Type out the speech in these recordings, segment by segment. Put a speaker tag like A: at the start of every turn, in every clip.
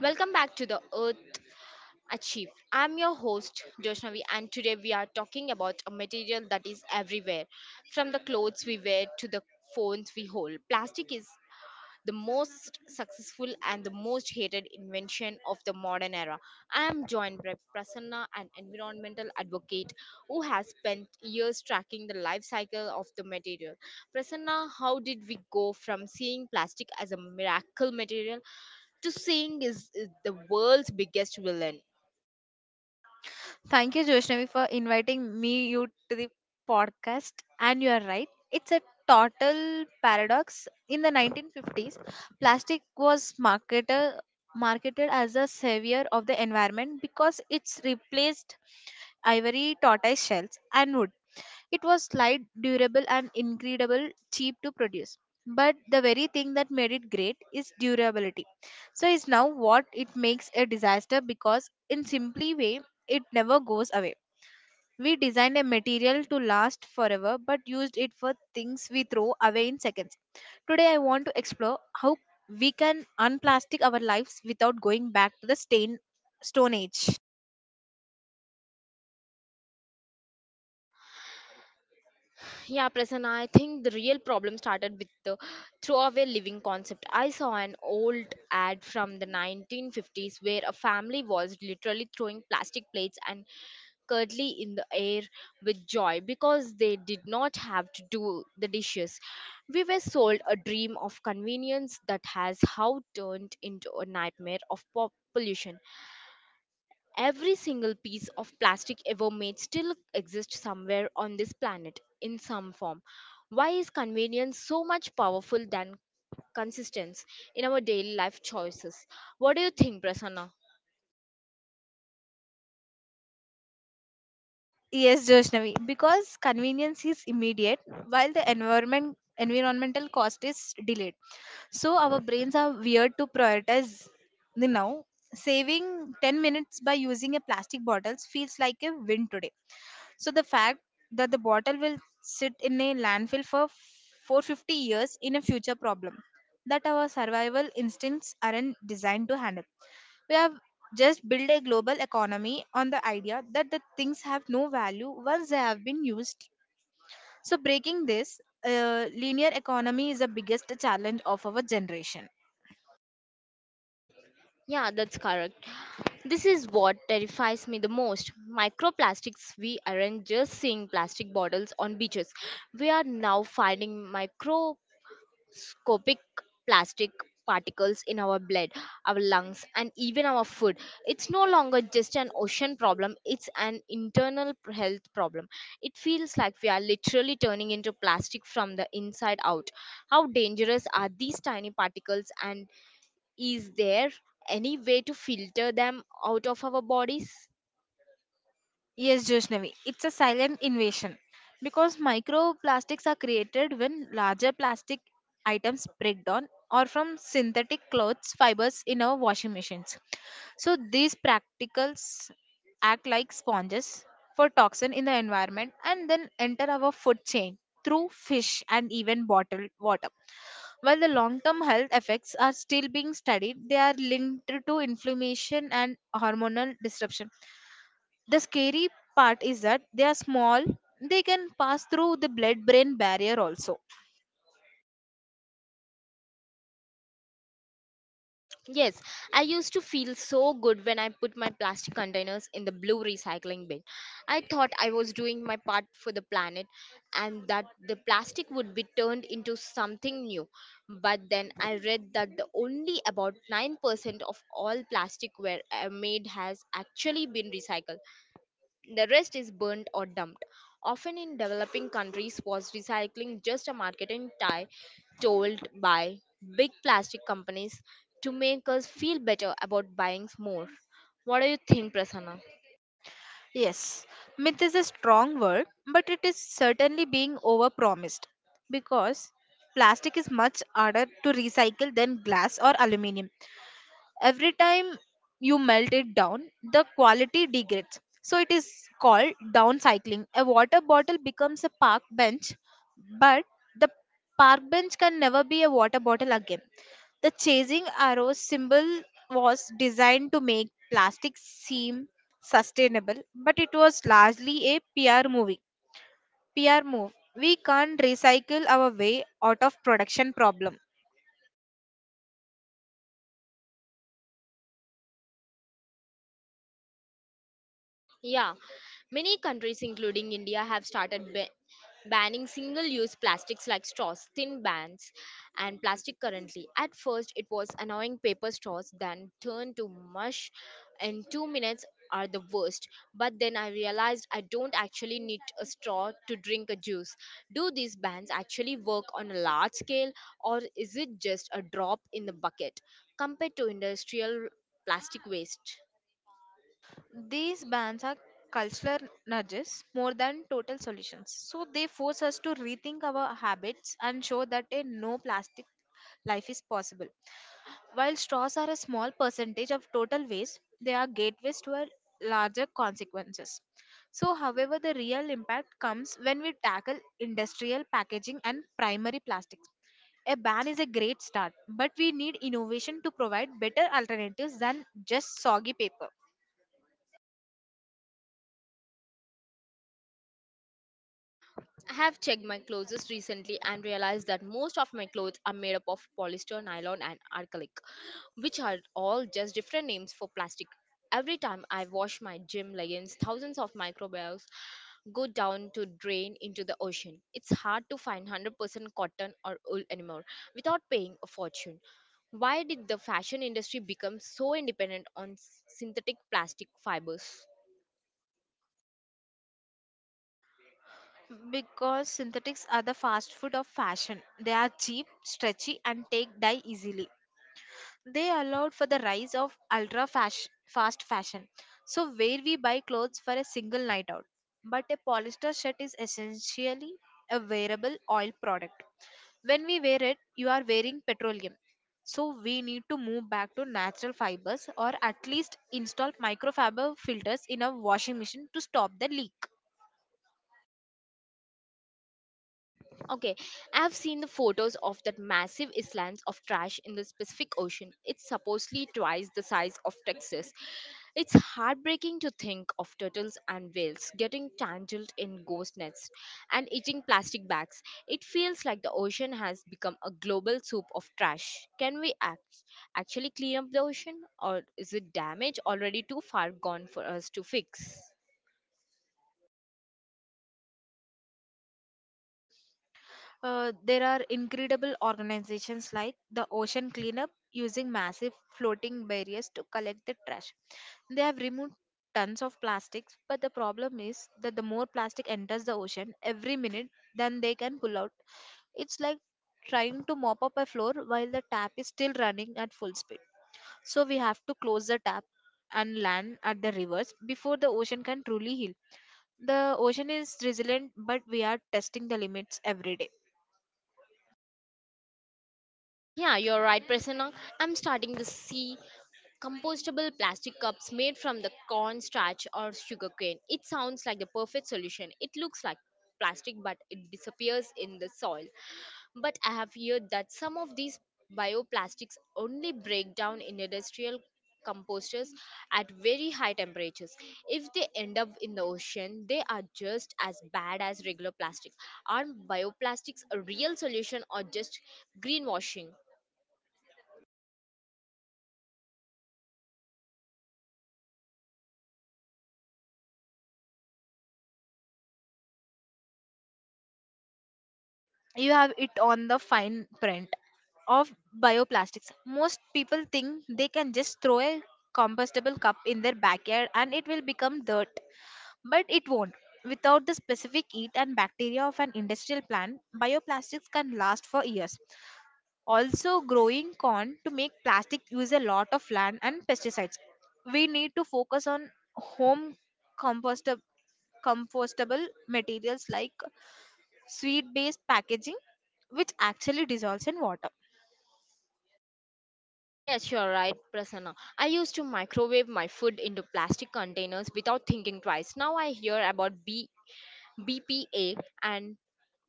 A: Welcome back to the Earth Achieve. I'm your host Joshnavi, and today we are talking about a material that is everywhere, from the clothes we wear to the phones we hold. Plastic is the most successful and the most hated invention of the modern era. I am joined by Prasanna, an environmental advocate who has spent years tracking the life cycle of the material. Prasanna, how did we go from seeing plastic as a miracle material to sing is the world's biggest villain?
B: Thank you, Joshnavi, for inviting me you to the podcast. And you are right. It's a total paradox. In the 1950s, plastic was marketed as a savior of the environment because it's replaced ivory, tortoise shells, and wood. It was light, durable, and incredible cheap to produce. But the very thing that made it great is durability. So is now what it makes a disaster because in simply way it never goes away. We designed a material to last forever but used it for things we throw away in seconds. Today, I want to explore how we can unplastic our lives without going back to the Stone Age.
A: Yeah, Prasanna, I think the real problem started with the throwaway living concept. I saw an old ad from the 1950s where a family was literally throwing plastic plates and curdly in the air with joy because they did not have to do the dishes. We were sold a dream of convenience that has how turned into a nightmare of pop pollution. Every single piece of plastic ever made still exists somewhere on this planet in some form. Why is convenience so much powerful than consistency in our daily life choices? What do you think, Prasanna?
B: Yes, Joshnavi, because convenience is immediate while the environmental cost is delayed. So our brains are weird to prioritize the now. Saving 10 minutes by using a plastic bottles feels like a win today. So the fact that the bottle will sit in a landfill for 450 years in a future problem that our survival instincts aren't designed to handle. We have just built a global economy on the idea that the things have no value once they have been used. So breaking this linear economy is the biggest challenge of our generation.
A: Yeah, that's correct. This is what terrifies me the most. Microplastics, we aren't just seeing plastic bottles on beaches. We are now finding micro. Scopic plastic particles in our blood, our lungs, and even our food. It's no longer just an ocean problem, it's an internal health problem. It feels like we are literally turning into plastic from the inside out. How dangerous are these tiny particles, and is there any way to filter them out of our bodies?
B: Yes, Joshnavi, it's a silent invasion because microplastics are created when larger plastic items break down or from synthetic clothes fibers in our washing machines. So these practicals act like sponges for toxin in the environment and then enter our food chain through fish and even bottled water. While the long term health effects are still being studied, they are linked to inflammation and hormonal disruption. The scary part is that they are small, they can pass through the blood brain barrier also.
A: Yes, I used to feel so good when I put my plastic containers in the blue recycling bin. I thought I was doing my part for the planet, and that the plastic would be turned into something new. But then I read that the only about 9% of all plastic were made has actually been recycled. The rest is burnt or dumped, often in developing countries. Was recycling just a marketing tie told by big plastic companies to make us feel better about buying more? What do you think, Prasanna?
B: Yes, myth is a strong word, but it is certainly being overpromised because plastic is much harder to recycle than glass or aluminium. Every time you melt it down, the quality degrades. So it is called downcycling. A water bottle becomes a park bench, but the park bench can never be a water bottle again. The chasing arrow symbol was designed to make plastic seem sustainable, but it was largely a PR movie. PR move. We can't recycle our way out of production problem.
A: Yeah, many countries, including India, have started banning single use plastics like straws, thin bands, and plastic currently. At first, it was annoying. Paper straws, then turned to mush in 2 minutes, are the worst. But then I realized I don't actually need a straw to drink a juice. Do these bans actually work on a large scale, or is it just a drop in the bucket compared to industrial plastic waste?
B: These bans are cultural nudges more than total solutions. So they force us to rethink our habits and show that a no plastic life is possible. While straws are a small percentage of total waste, they are gateways to a larger consequences. So, however, the real impact comes when we tackle industrial packaging and primary plastics. A ban is a great start, but we need innovation to provide better alternatives than just soggy paper.
A: I have checked my closets recently and realized that most of my clothes are made up of polyester, nylon, and acrylic, which are all just different names for plastic. Every time I wash my gym leggings, thousands of microbials go down to drain into the ocean. It's hard to find 100% cotton or wool anymore without paying a fortune. Why did the fashion industry become so independent on synthetic plastic fibers?
B: Because synthetics are the fast food of fashion, they are cheap, stretchy, and take dye easily. They allowed for the rise of fast fashion. So, where we buy clothes for a single night out. But a polyester shirt is essentially a wearable oil product. When we wear it, you are wearing petroleum. So, we need to move back to natural fibers or at least install microfiber filters in a washing machine to stop the leak.
A: Okay, I've seen the photos of that massive islands of trash in the Pacific Ocean. It's supposedly twice the size of Texas. It's heartbreaking to think of turtles and whales getting tangled in ghost nets and eating plastic bags. It feels like the ocean has become a global soup of trash. Can we actually clean up the ocean, or is it damage already too far gone for us to fix?
B: There are incredible organizations like the Ocean Cleanup using massive floating barriers to collect the trash. They have removed tons of plastics, but the problem is that the more plastic enters the ocean every minute than they can pull out. It's like trying to mop up a floor while the tap is still running at full speed. So we have to close the tap and land at the rivers before the ocean can truly heal. The ocean is resilient, but we are testing the limits every day.
A: Yeah, you're right, Prasanna. I'm starting to see compostable plastic cups made from the cornstarch or sugarcane. It sounds like the perfect solution. It looks like plastic, but it disappears in the soil. But I have heard that some of these bioplastics only break down in industrial composters at very high temperatures. If they end up in the ocean, they are just as bad as regular plastics. Are bioplastics a real solution, or just greenwashing?
B: You have it on the fine print of bioplastics. Most people think they can just throw a compostable cup in their backyard and it will become dirt, but it won't. Without the specific heat and bacteria of an industrial plant, bioplastics can last for years. Also, growing corn to make plastic use a lot of land and pesticides. We need to focus on home compostable compostable materials like sweet based packaging which actually dissolves in water.
A: Yes, you're right, Prasanna. I used to microwave my food into plastic containers without thinking twice. Now I hear about BPA and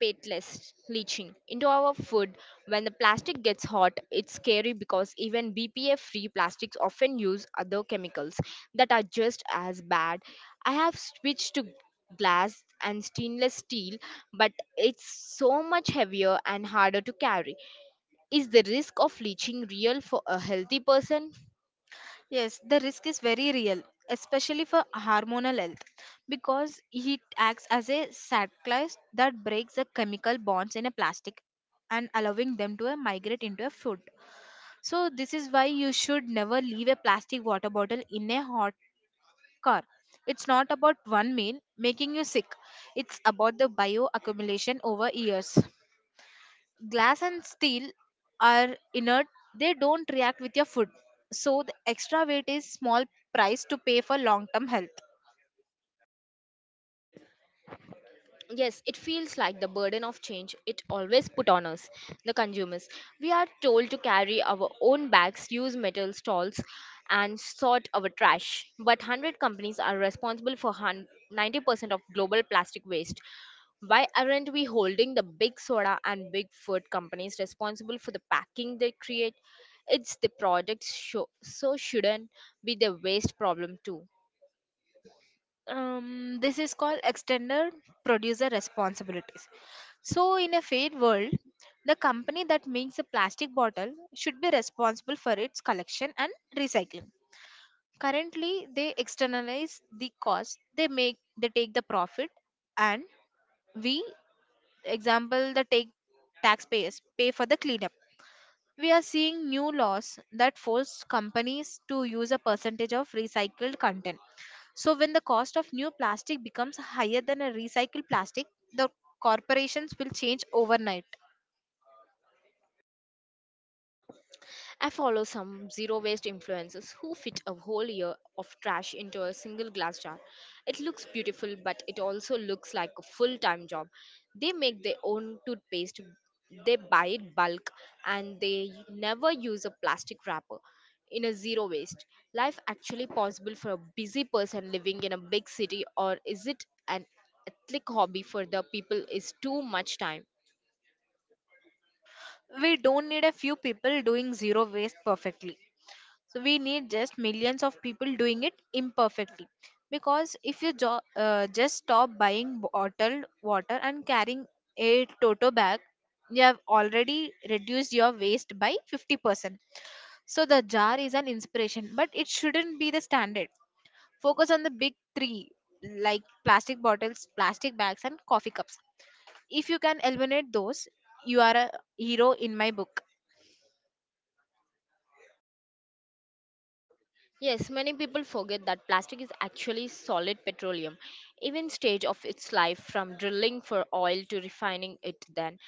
A: pateless leaching into our food when the plastic gets hot. It's scary because even BPA free plastics often use other chemicals that are just as bad. I have switched to glass and stainless steel, but it's so much heavier and harder to carry. Is the risk of leaching real for a healthy person?
B: Yes, the risk is very real, especially for hormonal health, because it acts as a catalyst that breaks the chemical bonds in a plastic and allowing them to migrate into a food. So, this is why you should never leave a plastic water bottle in a hot car. It's not about one meal making you sick, it's about the bioaccumulation over years. Glass and steel are inert. They don't react with your food, so the extra weight is small price to pay for long term health.
A: Yes, it feels like the burden of change it always put on us, the consumers. We are told to carry our own bags, use metal stalls, and sort our trash. But 100 companies are responsible for 90% of global plastic waste. Why aren't we holding the big soda and big food companies responsible for the packing they create? It's the products, show, so shouldn't be the waste problem too?
B: This is called extended producer responsibilities. So in a fair world, the company that makes a plastic bottle should be responsible for its collection and recycling. Currently they externalize the cost, they make, they take the profit, and we example the take taxpayers pay for the cleanup. We are seeing new laws that force companies to use a percentage of recycled content. So, when the cost of new plastic becomes higher than a recycled plastic, the corporations will change overnight.
A: I follow some zero waste influencers who fit a whole year of trash into a single glass jar. It looks beautiful, but it also looks like a full time job. They make their own toothpaste, they buy it bulk, and they never use a plastic wrapper. In a zero waste life, actually possible for a busy person living in a big city, or is it an ethnic hobby for the people? Is too much time.
B: We don't need a few people doing zero waste perfectly. So, we need just millions of people doing it imperfectly. Because if you just stop buying bottled water and carrying a toto bag, you have already reduced your waste by 50%. So the jar is an inspiration, but it shouldn't be the standard. Focus on the big three like plastic bottles, plastic bags, and coffee cups. If you can eliminate those, you are a hero in my book.
A: Yes, many people forget that plastic is actually solid petroleum. Even stage of its life from drilling for oil to refining it then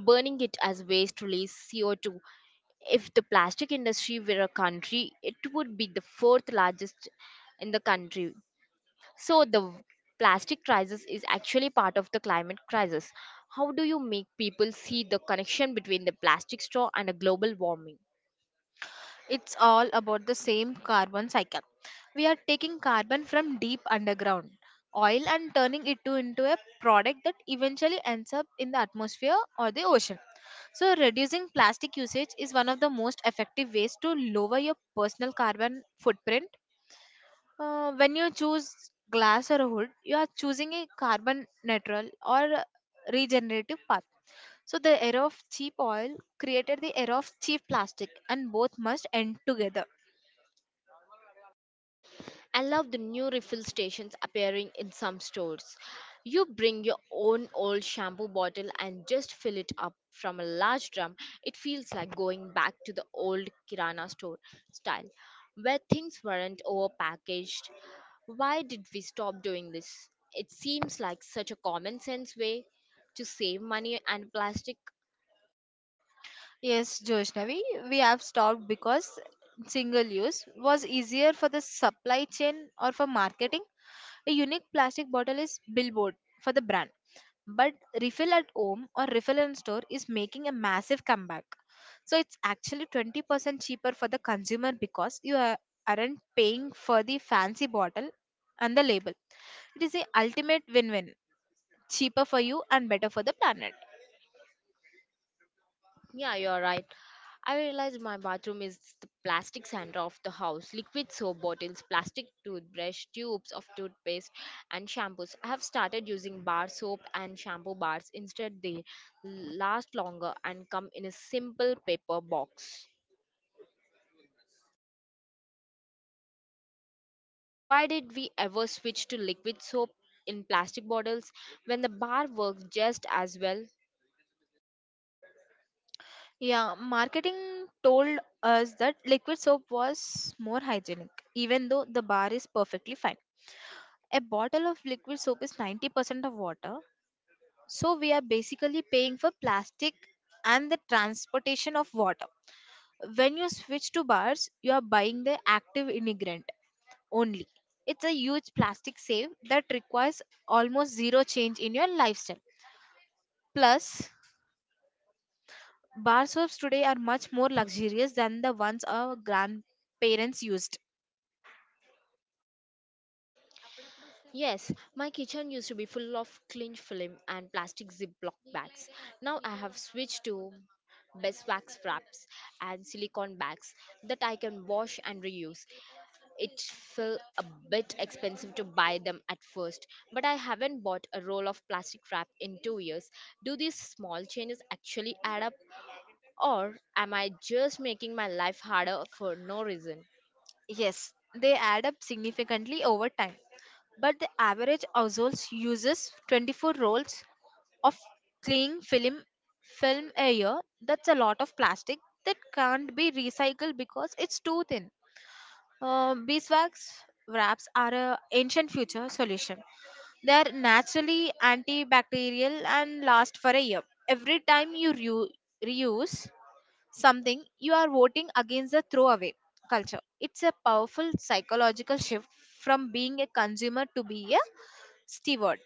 A: burning it as waste release CO2. If the plastic industry were a country, it would be the fourth largest in the country. So the plastic crisis is actually part of the climate crisis. How do you make people see the connection between the plastic straw and a global warming?
B: It's all about the same carbon cycle. We are taking carbon from deep underground oil and turning it to into a product that eventually ends up in the atmosphere or the ocean. So, reducing plastic usage is one of the most effective ways to lower your personal carbon footprint. When you choose glass or wood, you are choosing a carbon neutral or regenerative path. So the era of cheap oil created the era of cheap plastic, and both must end together.
A: I love the new refill stations appearing in some stores. You bring your own old shampoo bottle and just fill it up from a large drum. It feels like going back to the old Kirana store style, where things weren't overpackaged. Why did we stop doing this? It seems like such a common sense way to save money and plastic.
B: Yes, Joshnavi, we have stopped because single use was easier for the supply chain or for marketing. A unique plastic bottle is billboard for the brand. But refill at home or refill in store is making a massive comeback, so it's actually 20% cheaper for the consumer because you are, aren't paying for the fancy bottle and the label. It is the ultimate win-win, cheaper for you and better for the planet.
A: Yeah, you're right. I realized my bathroom is the plastic center of the house. Liquid soap bottles, plastic toothbrush, tubes of toothpaste, and shampoos. I have started using bar soap and shampoo bars instead. They last longer and come in a simple paper box. Why did we ever switch to liquid soap in plastic bottles when the bar works just as well?
B: Yeah, marketing told us that liquid soap was more hygienic even though the bar is perfectly fine. A bottle of liquid soap is 90% of water. So we are basically paying for plastic and the transportation of water. When you switch to bars, you are buying the active ingredient only. It's a huge plastic save that requires almost zero change in your lifestyle. Plus, bar soaps today are much more luxurious than the ones our grandparents used.
A: Yes, my kitchen used to be full of cling film and plastic Ziploc bags. Now I have switched to beeswax wraps and silicone bags that I can wash and reuse. It felt a bit expensive to buy them at first, but I haven't bought a roll of plastic wrap in 2 years. Do these small changes actually add up, or am I just making my life harder for no reason?
B: Yes, they add up significantly over time. But the average household uses 24 rolls of cling film a year. That's a lot of plastic that can't be recycled because it's too thin. Beeswax wraps are a ancient future solution. They are naturally antibacterial and last for a year. Every time you reuse something you are voting against the throwaway culture. It's a powerful psychological shift from being a consumer to be a steward.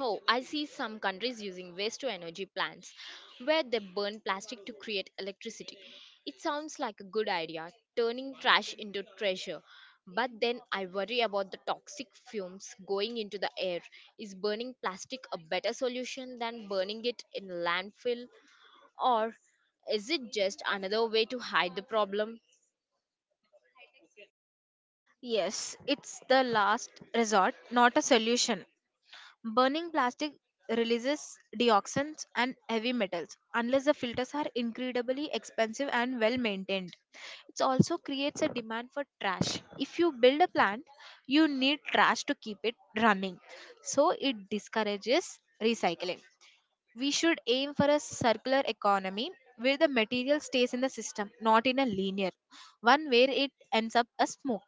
A: Oh, I see some countries using waste to energy plants where they burn plastic to create electricity. It sounds like a good idea, turning trash into treasure. But then I worry about the toxic fumes going into the air. Is burning plastic a better solution than burning it in landfill, or is it just another way to hide the problem?
B: Yes, it's the last resort, not a solution. Burning plastic releases dioxins and heavy metals unless the filters are incredibly expensive and well maintained. It also creates a demand for trash. If you build a plant, you need trash to keep it running. So it discourages recycling. We should aim for a circular economy where the material stays in the system, not in a linear one where it ends up as smoke.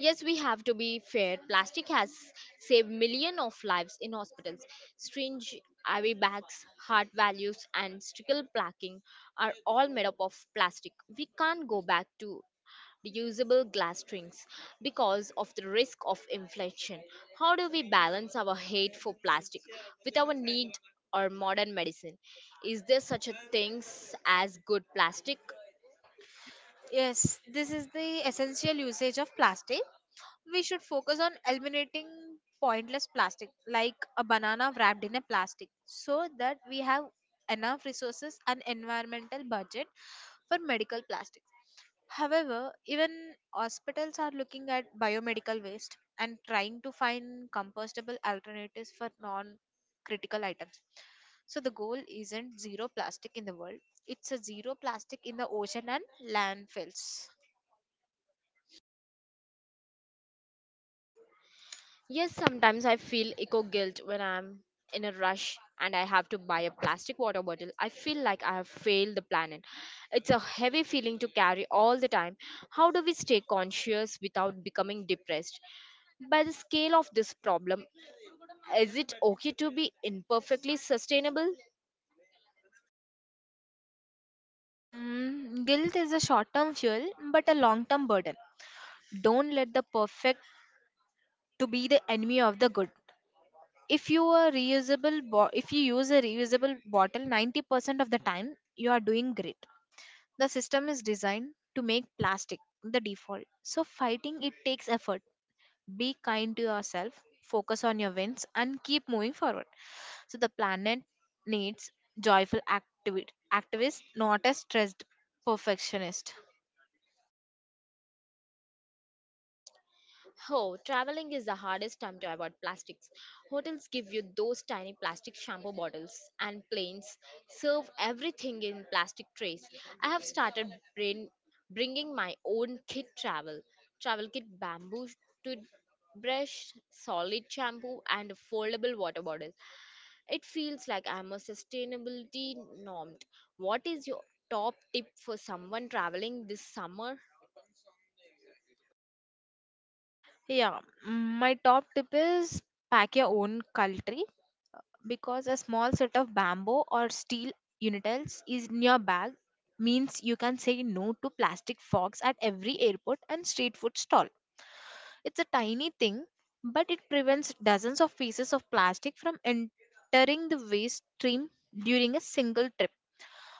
A: Yes, we have to be fair. Plastic has saved millions of lives in hospitals. Syringe, IV bags, heart values, and stickle placking are all made up of plastic. We can't go back to reusable glass strings because of the risk of inflation. How do we balance our hate for plastic with our need or modern medicine? Is there such a thing as good plastic?
B: Yes, this is the essential usage of plastic. We should focus on eliminating pointless plastic like a banana wrapped in a plastic, so that we have enough resources and environmental budget for medical plastics. However, even hospitals are looking at biomedical waste and trying to find compostable alternatives for non critical items. So the goal isn't zero plastic in the world, it's a zero plastic in the ocean and landfills.
A: Yes, sometimes I feel eco guilt when I'm in a rush and I have to buy a plastic water bottle. I feel like I have failed the planet. It's a heavy feeling to carry all the time. How do we stay conscious without becoming depressed by the scale of this problem? Is it okay to be imperfectly sustainable?
B: Mm, guilt is a short term fuel, but a long term burden. Don't let the perfect to be the enemy of the good. If you are reusable, bo- If you use a reusable bottle 90% of the time, you are doing great. The system is designed to make plastic the default. So fighting it takes effort. Be kind to yourself, focus on your wins, and keep moving forward. So the planet needs joyful activi- activists, not a stressed perfectionist.
A: Oh, traveling is the hardest time to avoid plastics. Hotels give you those tiny plastic shampoo bottles, and planes serve everything in plastic trays. I have started bring, bringing my own kit travel travel kit, bamboo toothbrush, solid shampoo, and a foldable water bottle. It feels like I'm a sustainability normed. What is your top tip for someone traveling this summer?
B: Yeah, my top tip is pack your own cutlery because a small set of bamboo or steel utensils is in your bag means you can say no to plastic forks at every airport and street food stall. It's a tiny thing, but it prevents dozens of pieces of plastic from entering the waste stream during a single trip.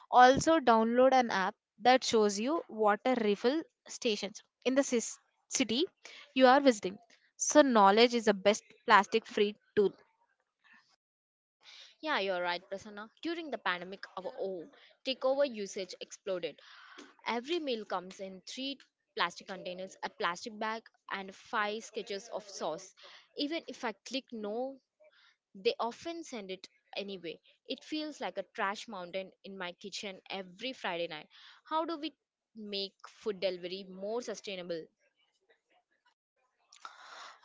B: Also, download an app that shows you water refill stations in the city you are visiting. So, knowledge is the best plastic free tool.
A: Yeah, you're right, Prasanna. During the pandemic, our takeover usage exploded. Every meal comes in three plastic containers, a plastic bag, and five sketches of sauce. Even if I click no, they often send it anyway. It feels like a trash mountain in my kitchen every Friday night. How do we make food delivery more sustainable?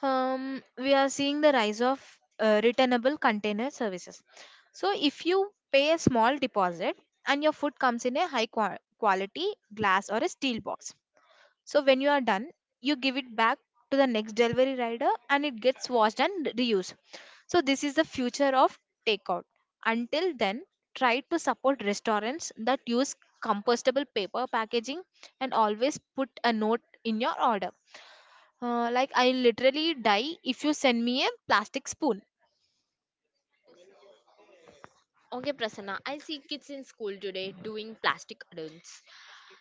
B: We are seeing the rise of returnable container services. So, if you pay a small deposit and your food comes in a quality glass or a steel box, so when you are done, you give it back to the next delivery rider and it gets washed and reused. So this is the future of takeout. Until then, try to support restaurants that use compostable paper packaging and always put a note in your order. Like, I literally die if you send me a plastic spoon.
A: Okay, Prasanna, I see kids in school today doing plastic adults.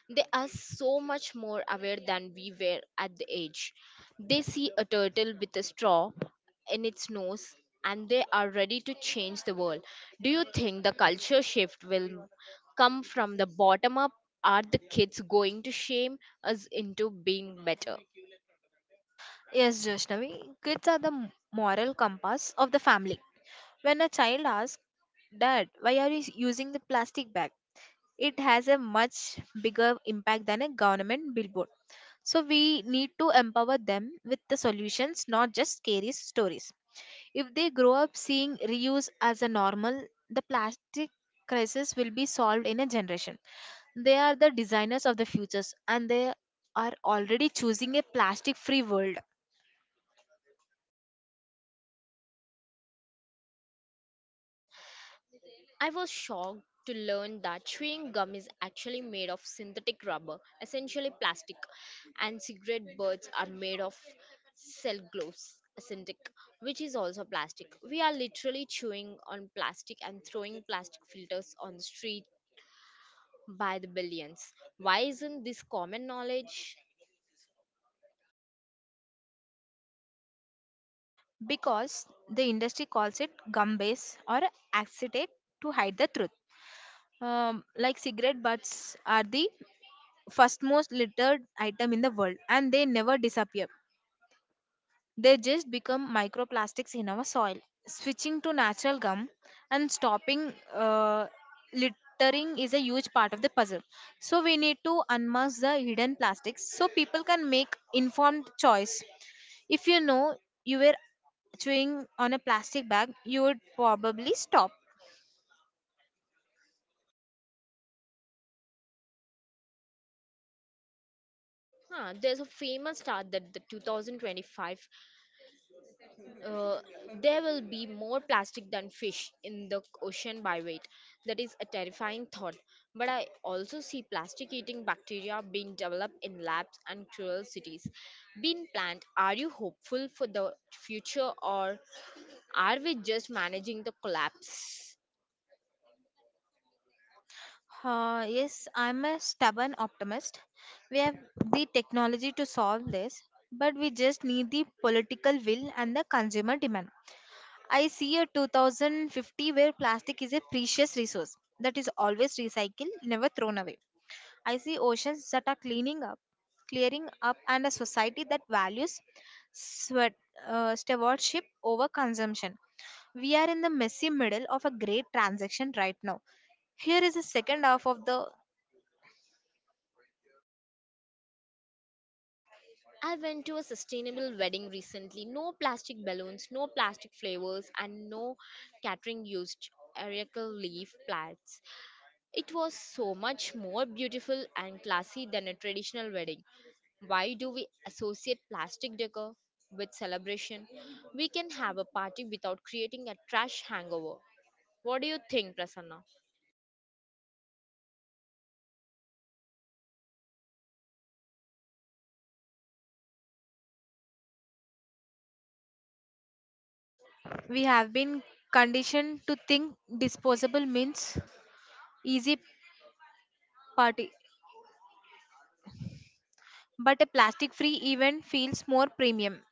A: They are so much more aware than we were at the age. They see a turtle with a straw in its nose, and they are ready to change the world. Do you think the culture shift will come from the bottom up? Are the kids going to shame us into being better?
B: Yes, Joshnavi, kids are the moral compass of the family. When a child asks, Dad, why are you using the plastic bag? It has a much bigger impact than a government billboard. So we need to empower them with the solutions, not just scary stories. If they grow up seeing reuse as a normal, the plastic crisis will be solved in a generation. They are the designers of the futures and they are already choosing a plastic free world
A: I was shocked to learn that chewing gum is actually made of synthetic rubber, essentially plastic, and cigarette butts are made of cellulose, synthetic, which is also plastic. We are literally chewing on plastic and throwing plastic filters on the street by the billions. Why isn't this common knowledge?
B: because the industry calls it gum base or acetate to hide the truth. Like, cigarette butts are the first most littered item in the world and they never disappear. They just become microplastics in our soil. Switching to natural gum and stopping littering is a huge part of the puzzle. So we need to unmask the hidden plastics so people can make informed choice. If you know you were chewing on a plastic bag, you would probably stop.
A: Huh, there's a famous stat that the 2025, uh, there will be more plastic than fish in the ocean by weight. That is a terrifying thought. But I also see plastic eating bacteria being developed in labs and cruel cities being planned. Are you hopeful for the future, or are we just managing the collapse?
B: Yes, I'm a stubborn optimist. We have the technology to solve this, but we just need the political will and the consumer demand. I see a 2050 where plastic is a precious resource that is always recycled, never thrown away. I see oceans that are cleaning up, clearing up, and a society that values sweat, stewardship over consumption. We are in the messy middle of a great transaction right now. Here is the second half of the
A: I went to a sustainable wedding recently. No plastic balloons, no plastic flavors, and no catering used erica leaf plants. It was so much more beautiful and classy than a traditional wedding. Why do we associate plastic decor with celebration? We can have a party without creating a trash hangover. What do you think, Prasanna?
B: we have been conditioned to think disposable means easy party, but a plastic free event feels more premium.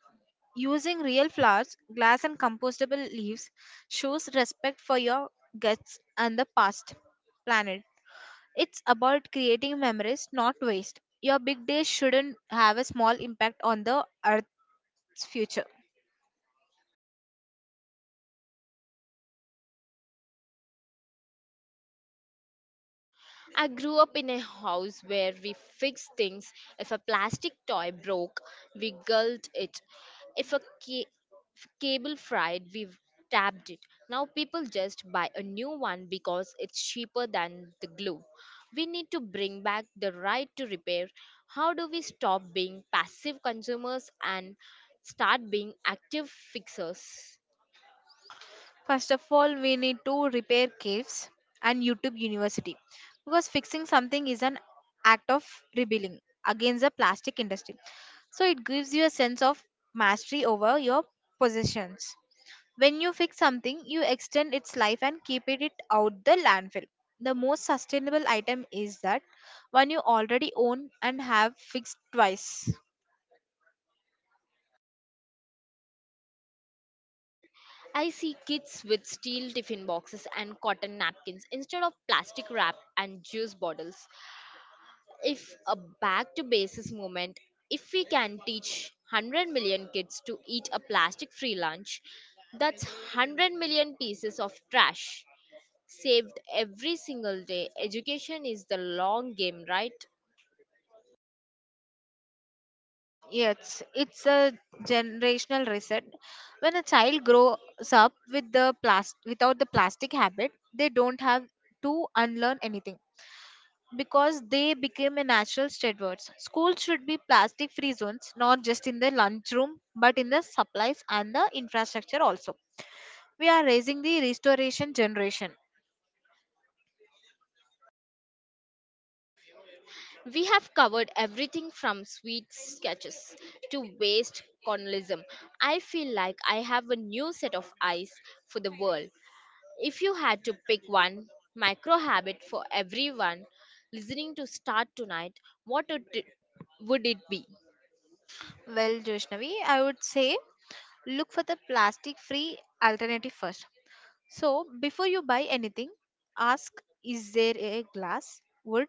B: Using real flowers, glass, and compostable leaves shows respect for your guts and the past planet. It's about creating memories, not waste. Your big day shouldn't have a small impact on the Earth's future.
A: I grew up in a house where we fixed things. If a plastic toy broke, we gulled it. If a ca- If cable fried, we tapped it. Now people just buy a new one because it's cheaper than the glue. We need to bring back the right to repair. How do we stop being passive consumers and start being active fixers?
B: First of all, we need to repair caves and YouTube University because fixing something is an act of rebelling against the plastic industry. So it gives you a sense of mastery over your possessions. When you fix something, you extend its life and keep it out the landfill. The most sustainable item is that one you already own and have fixed twice.
A: I see kids with steel tiffin boxes and cotton napkins instead of plastic wrap and juice bottles. If a back to basis movement, if we can teach 100 million kids to eat a plastic free lunch, that's 100 million pieces of trash saved every single day. Education is the long game, right?
B: Yes, it's a generational reset. When a child grows up with the plastic without the plastic habit, they don't have to unlearn anything because they became a natural stewards. Schools should be plastic free zones, not just in the lunchroom, but in the supplies and the infrastructure also. We are raising the restoration generation.
A: We have covered everything from sweet sketches to waste colonialism. I feel like I have a new set of eyes for the world. If you had to pick one micro habit for everyone listening to start tonight, what would it, would it be?
B: Well, Joshnavi, I would say look for the plastic free alternative first. So, before you buy anything, ask, is there a glass, wood,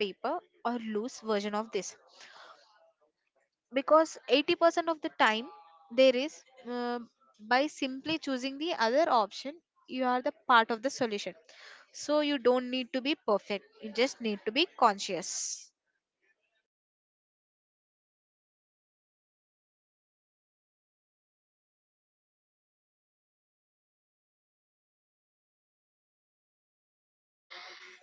B: paper, or loose version of this? Because 80% of the time there is, by simply choosing the other option, you are the part of the solution. So, you don't need to be perfect, you just need to be conscious.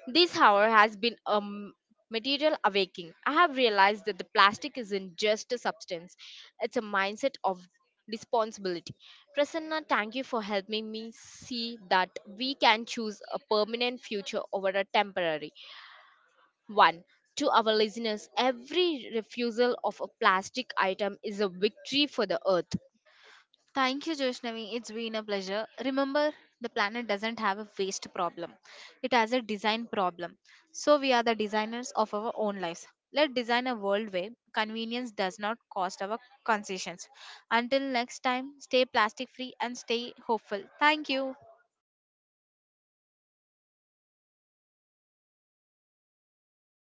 A: This, however, has been a material awakening. I have realized that the plastic isn't just a substance, it's a mindset of responsibility. Prasanna, thank you for helping me see that we can choose a permanent future over a temporary one. To our listeners, every refusal of a plastic item is a victory for the earth.
B: Thank you, Joshnavi. It's been a pleasure. Remember, the planet doesn't have a waste problem, it has a design problem. So, we are the designers of our own lives. Let's design a world where convenience does not cost our concessions. Until next time, stay plastic free and stay hopeful. Thank you.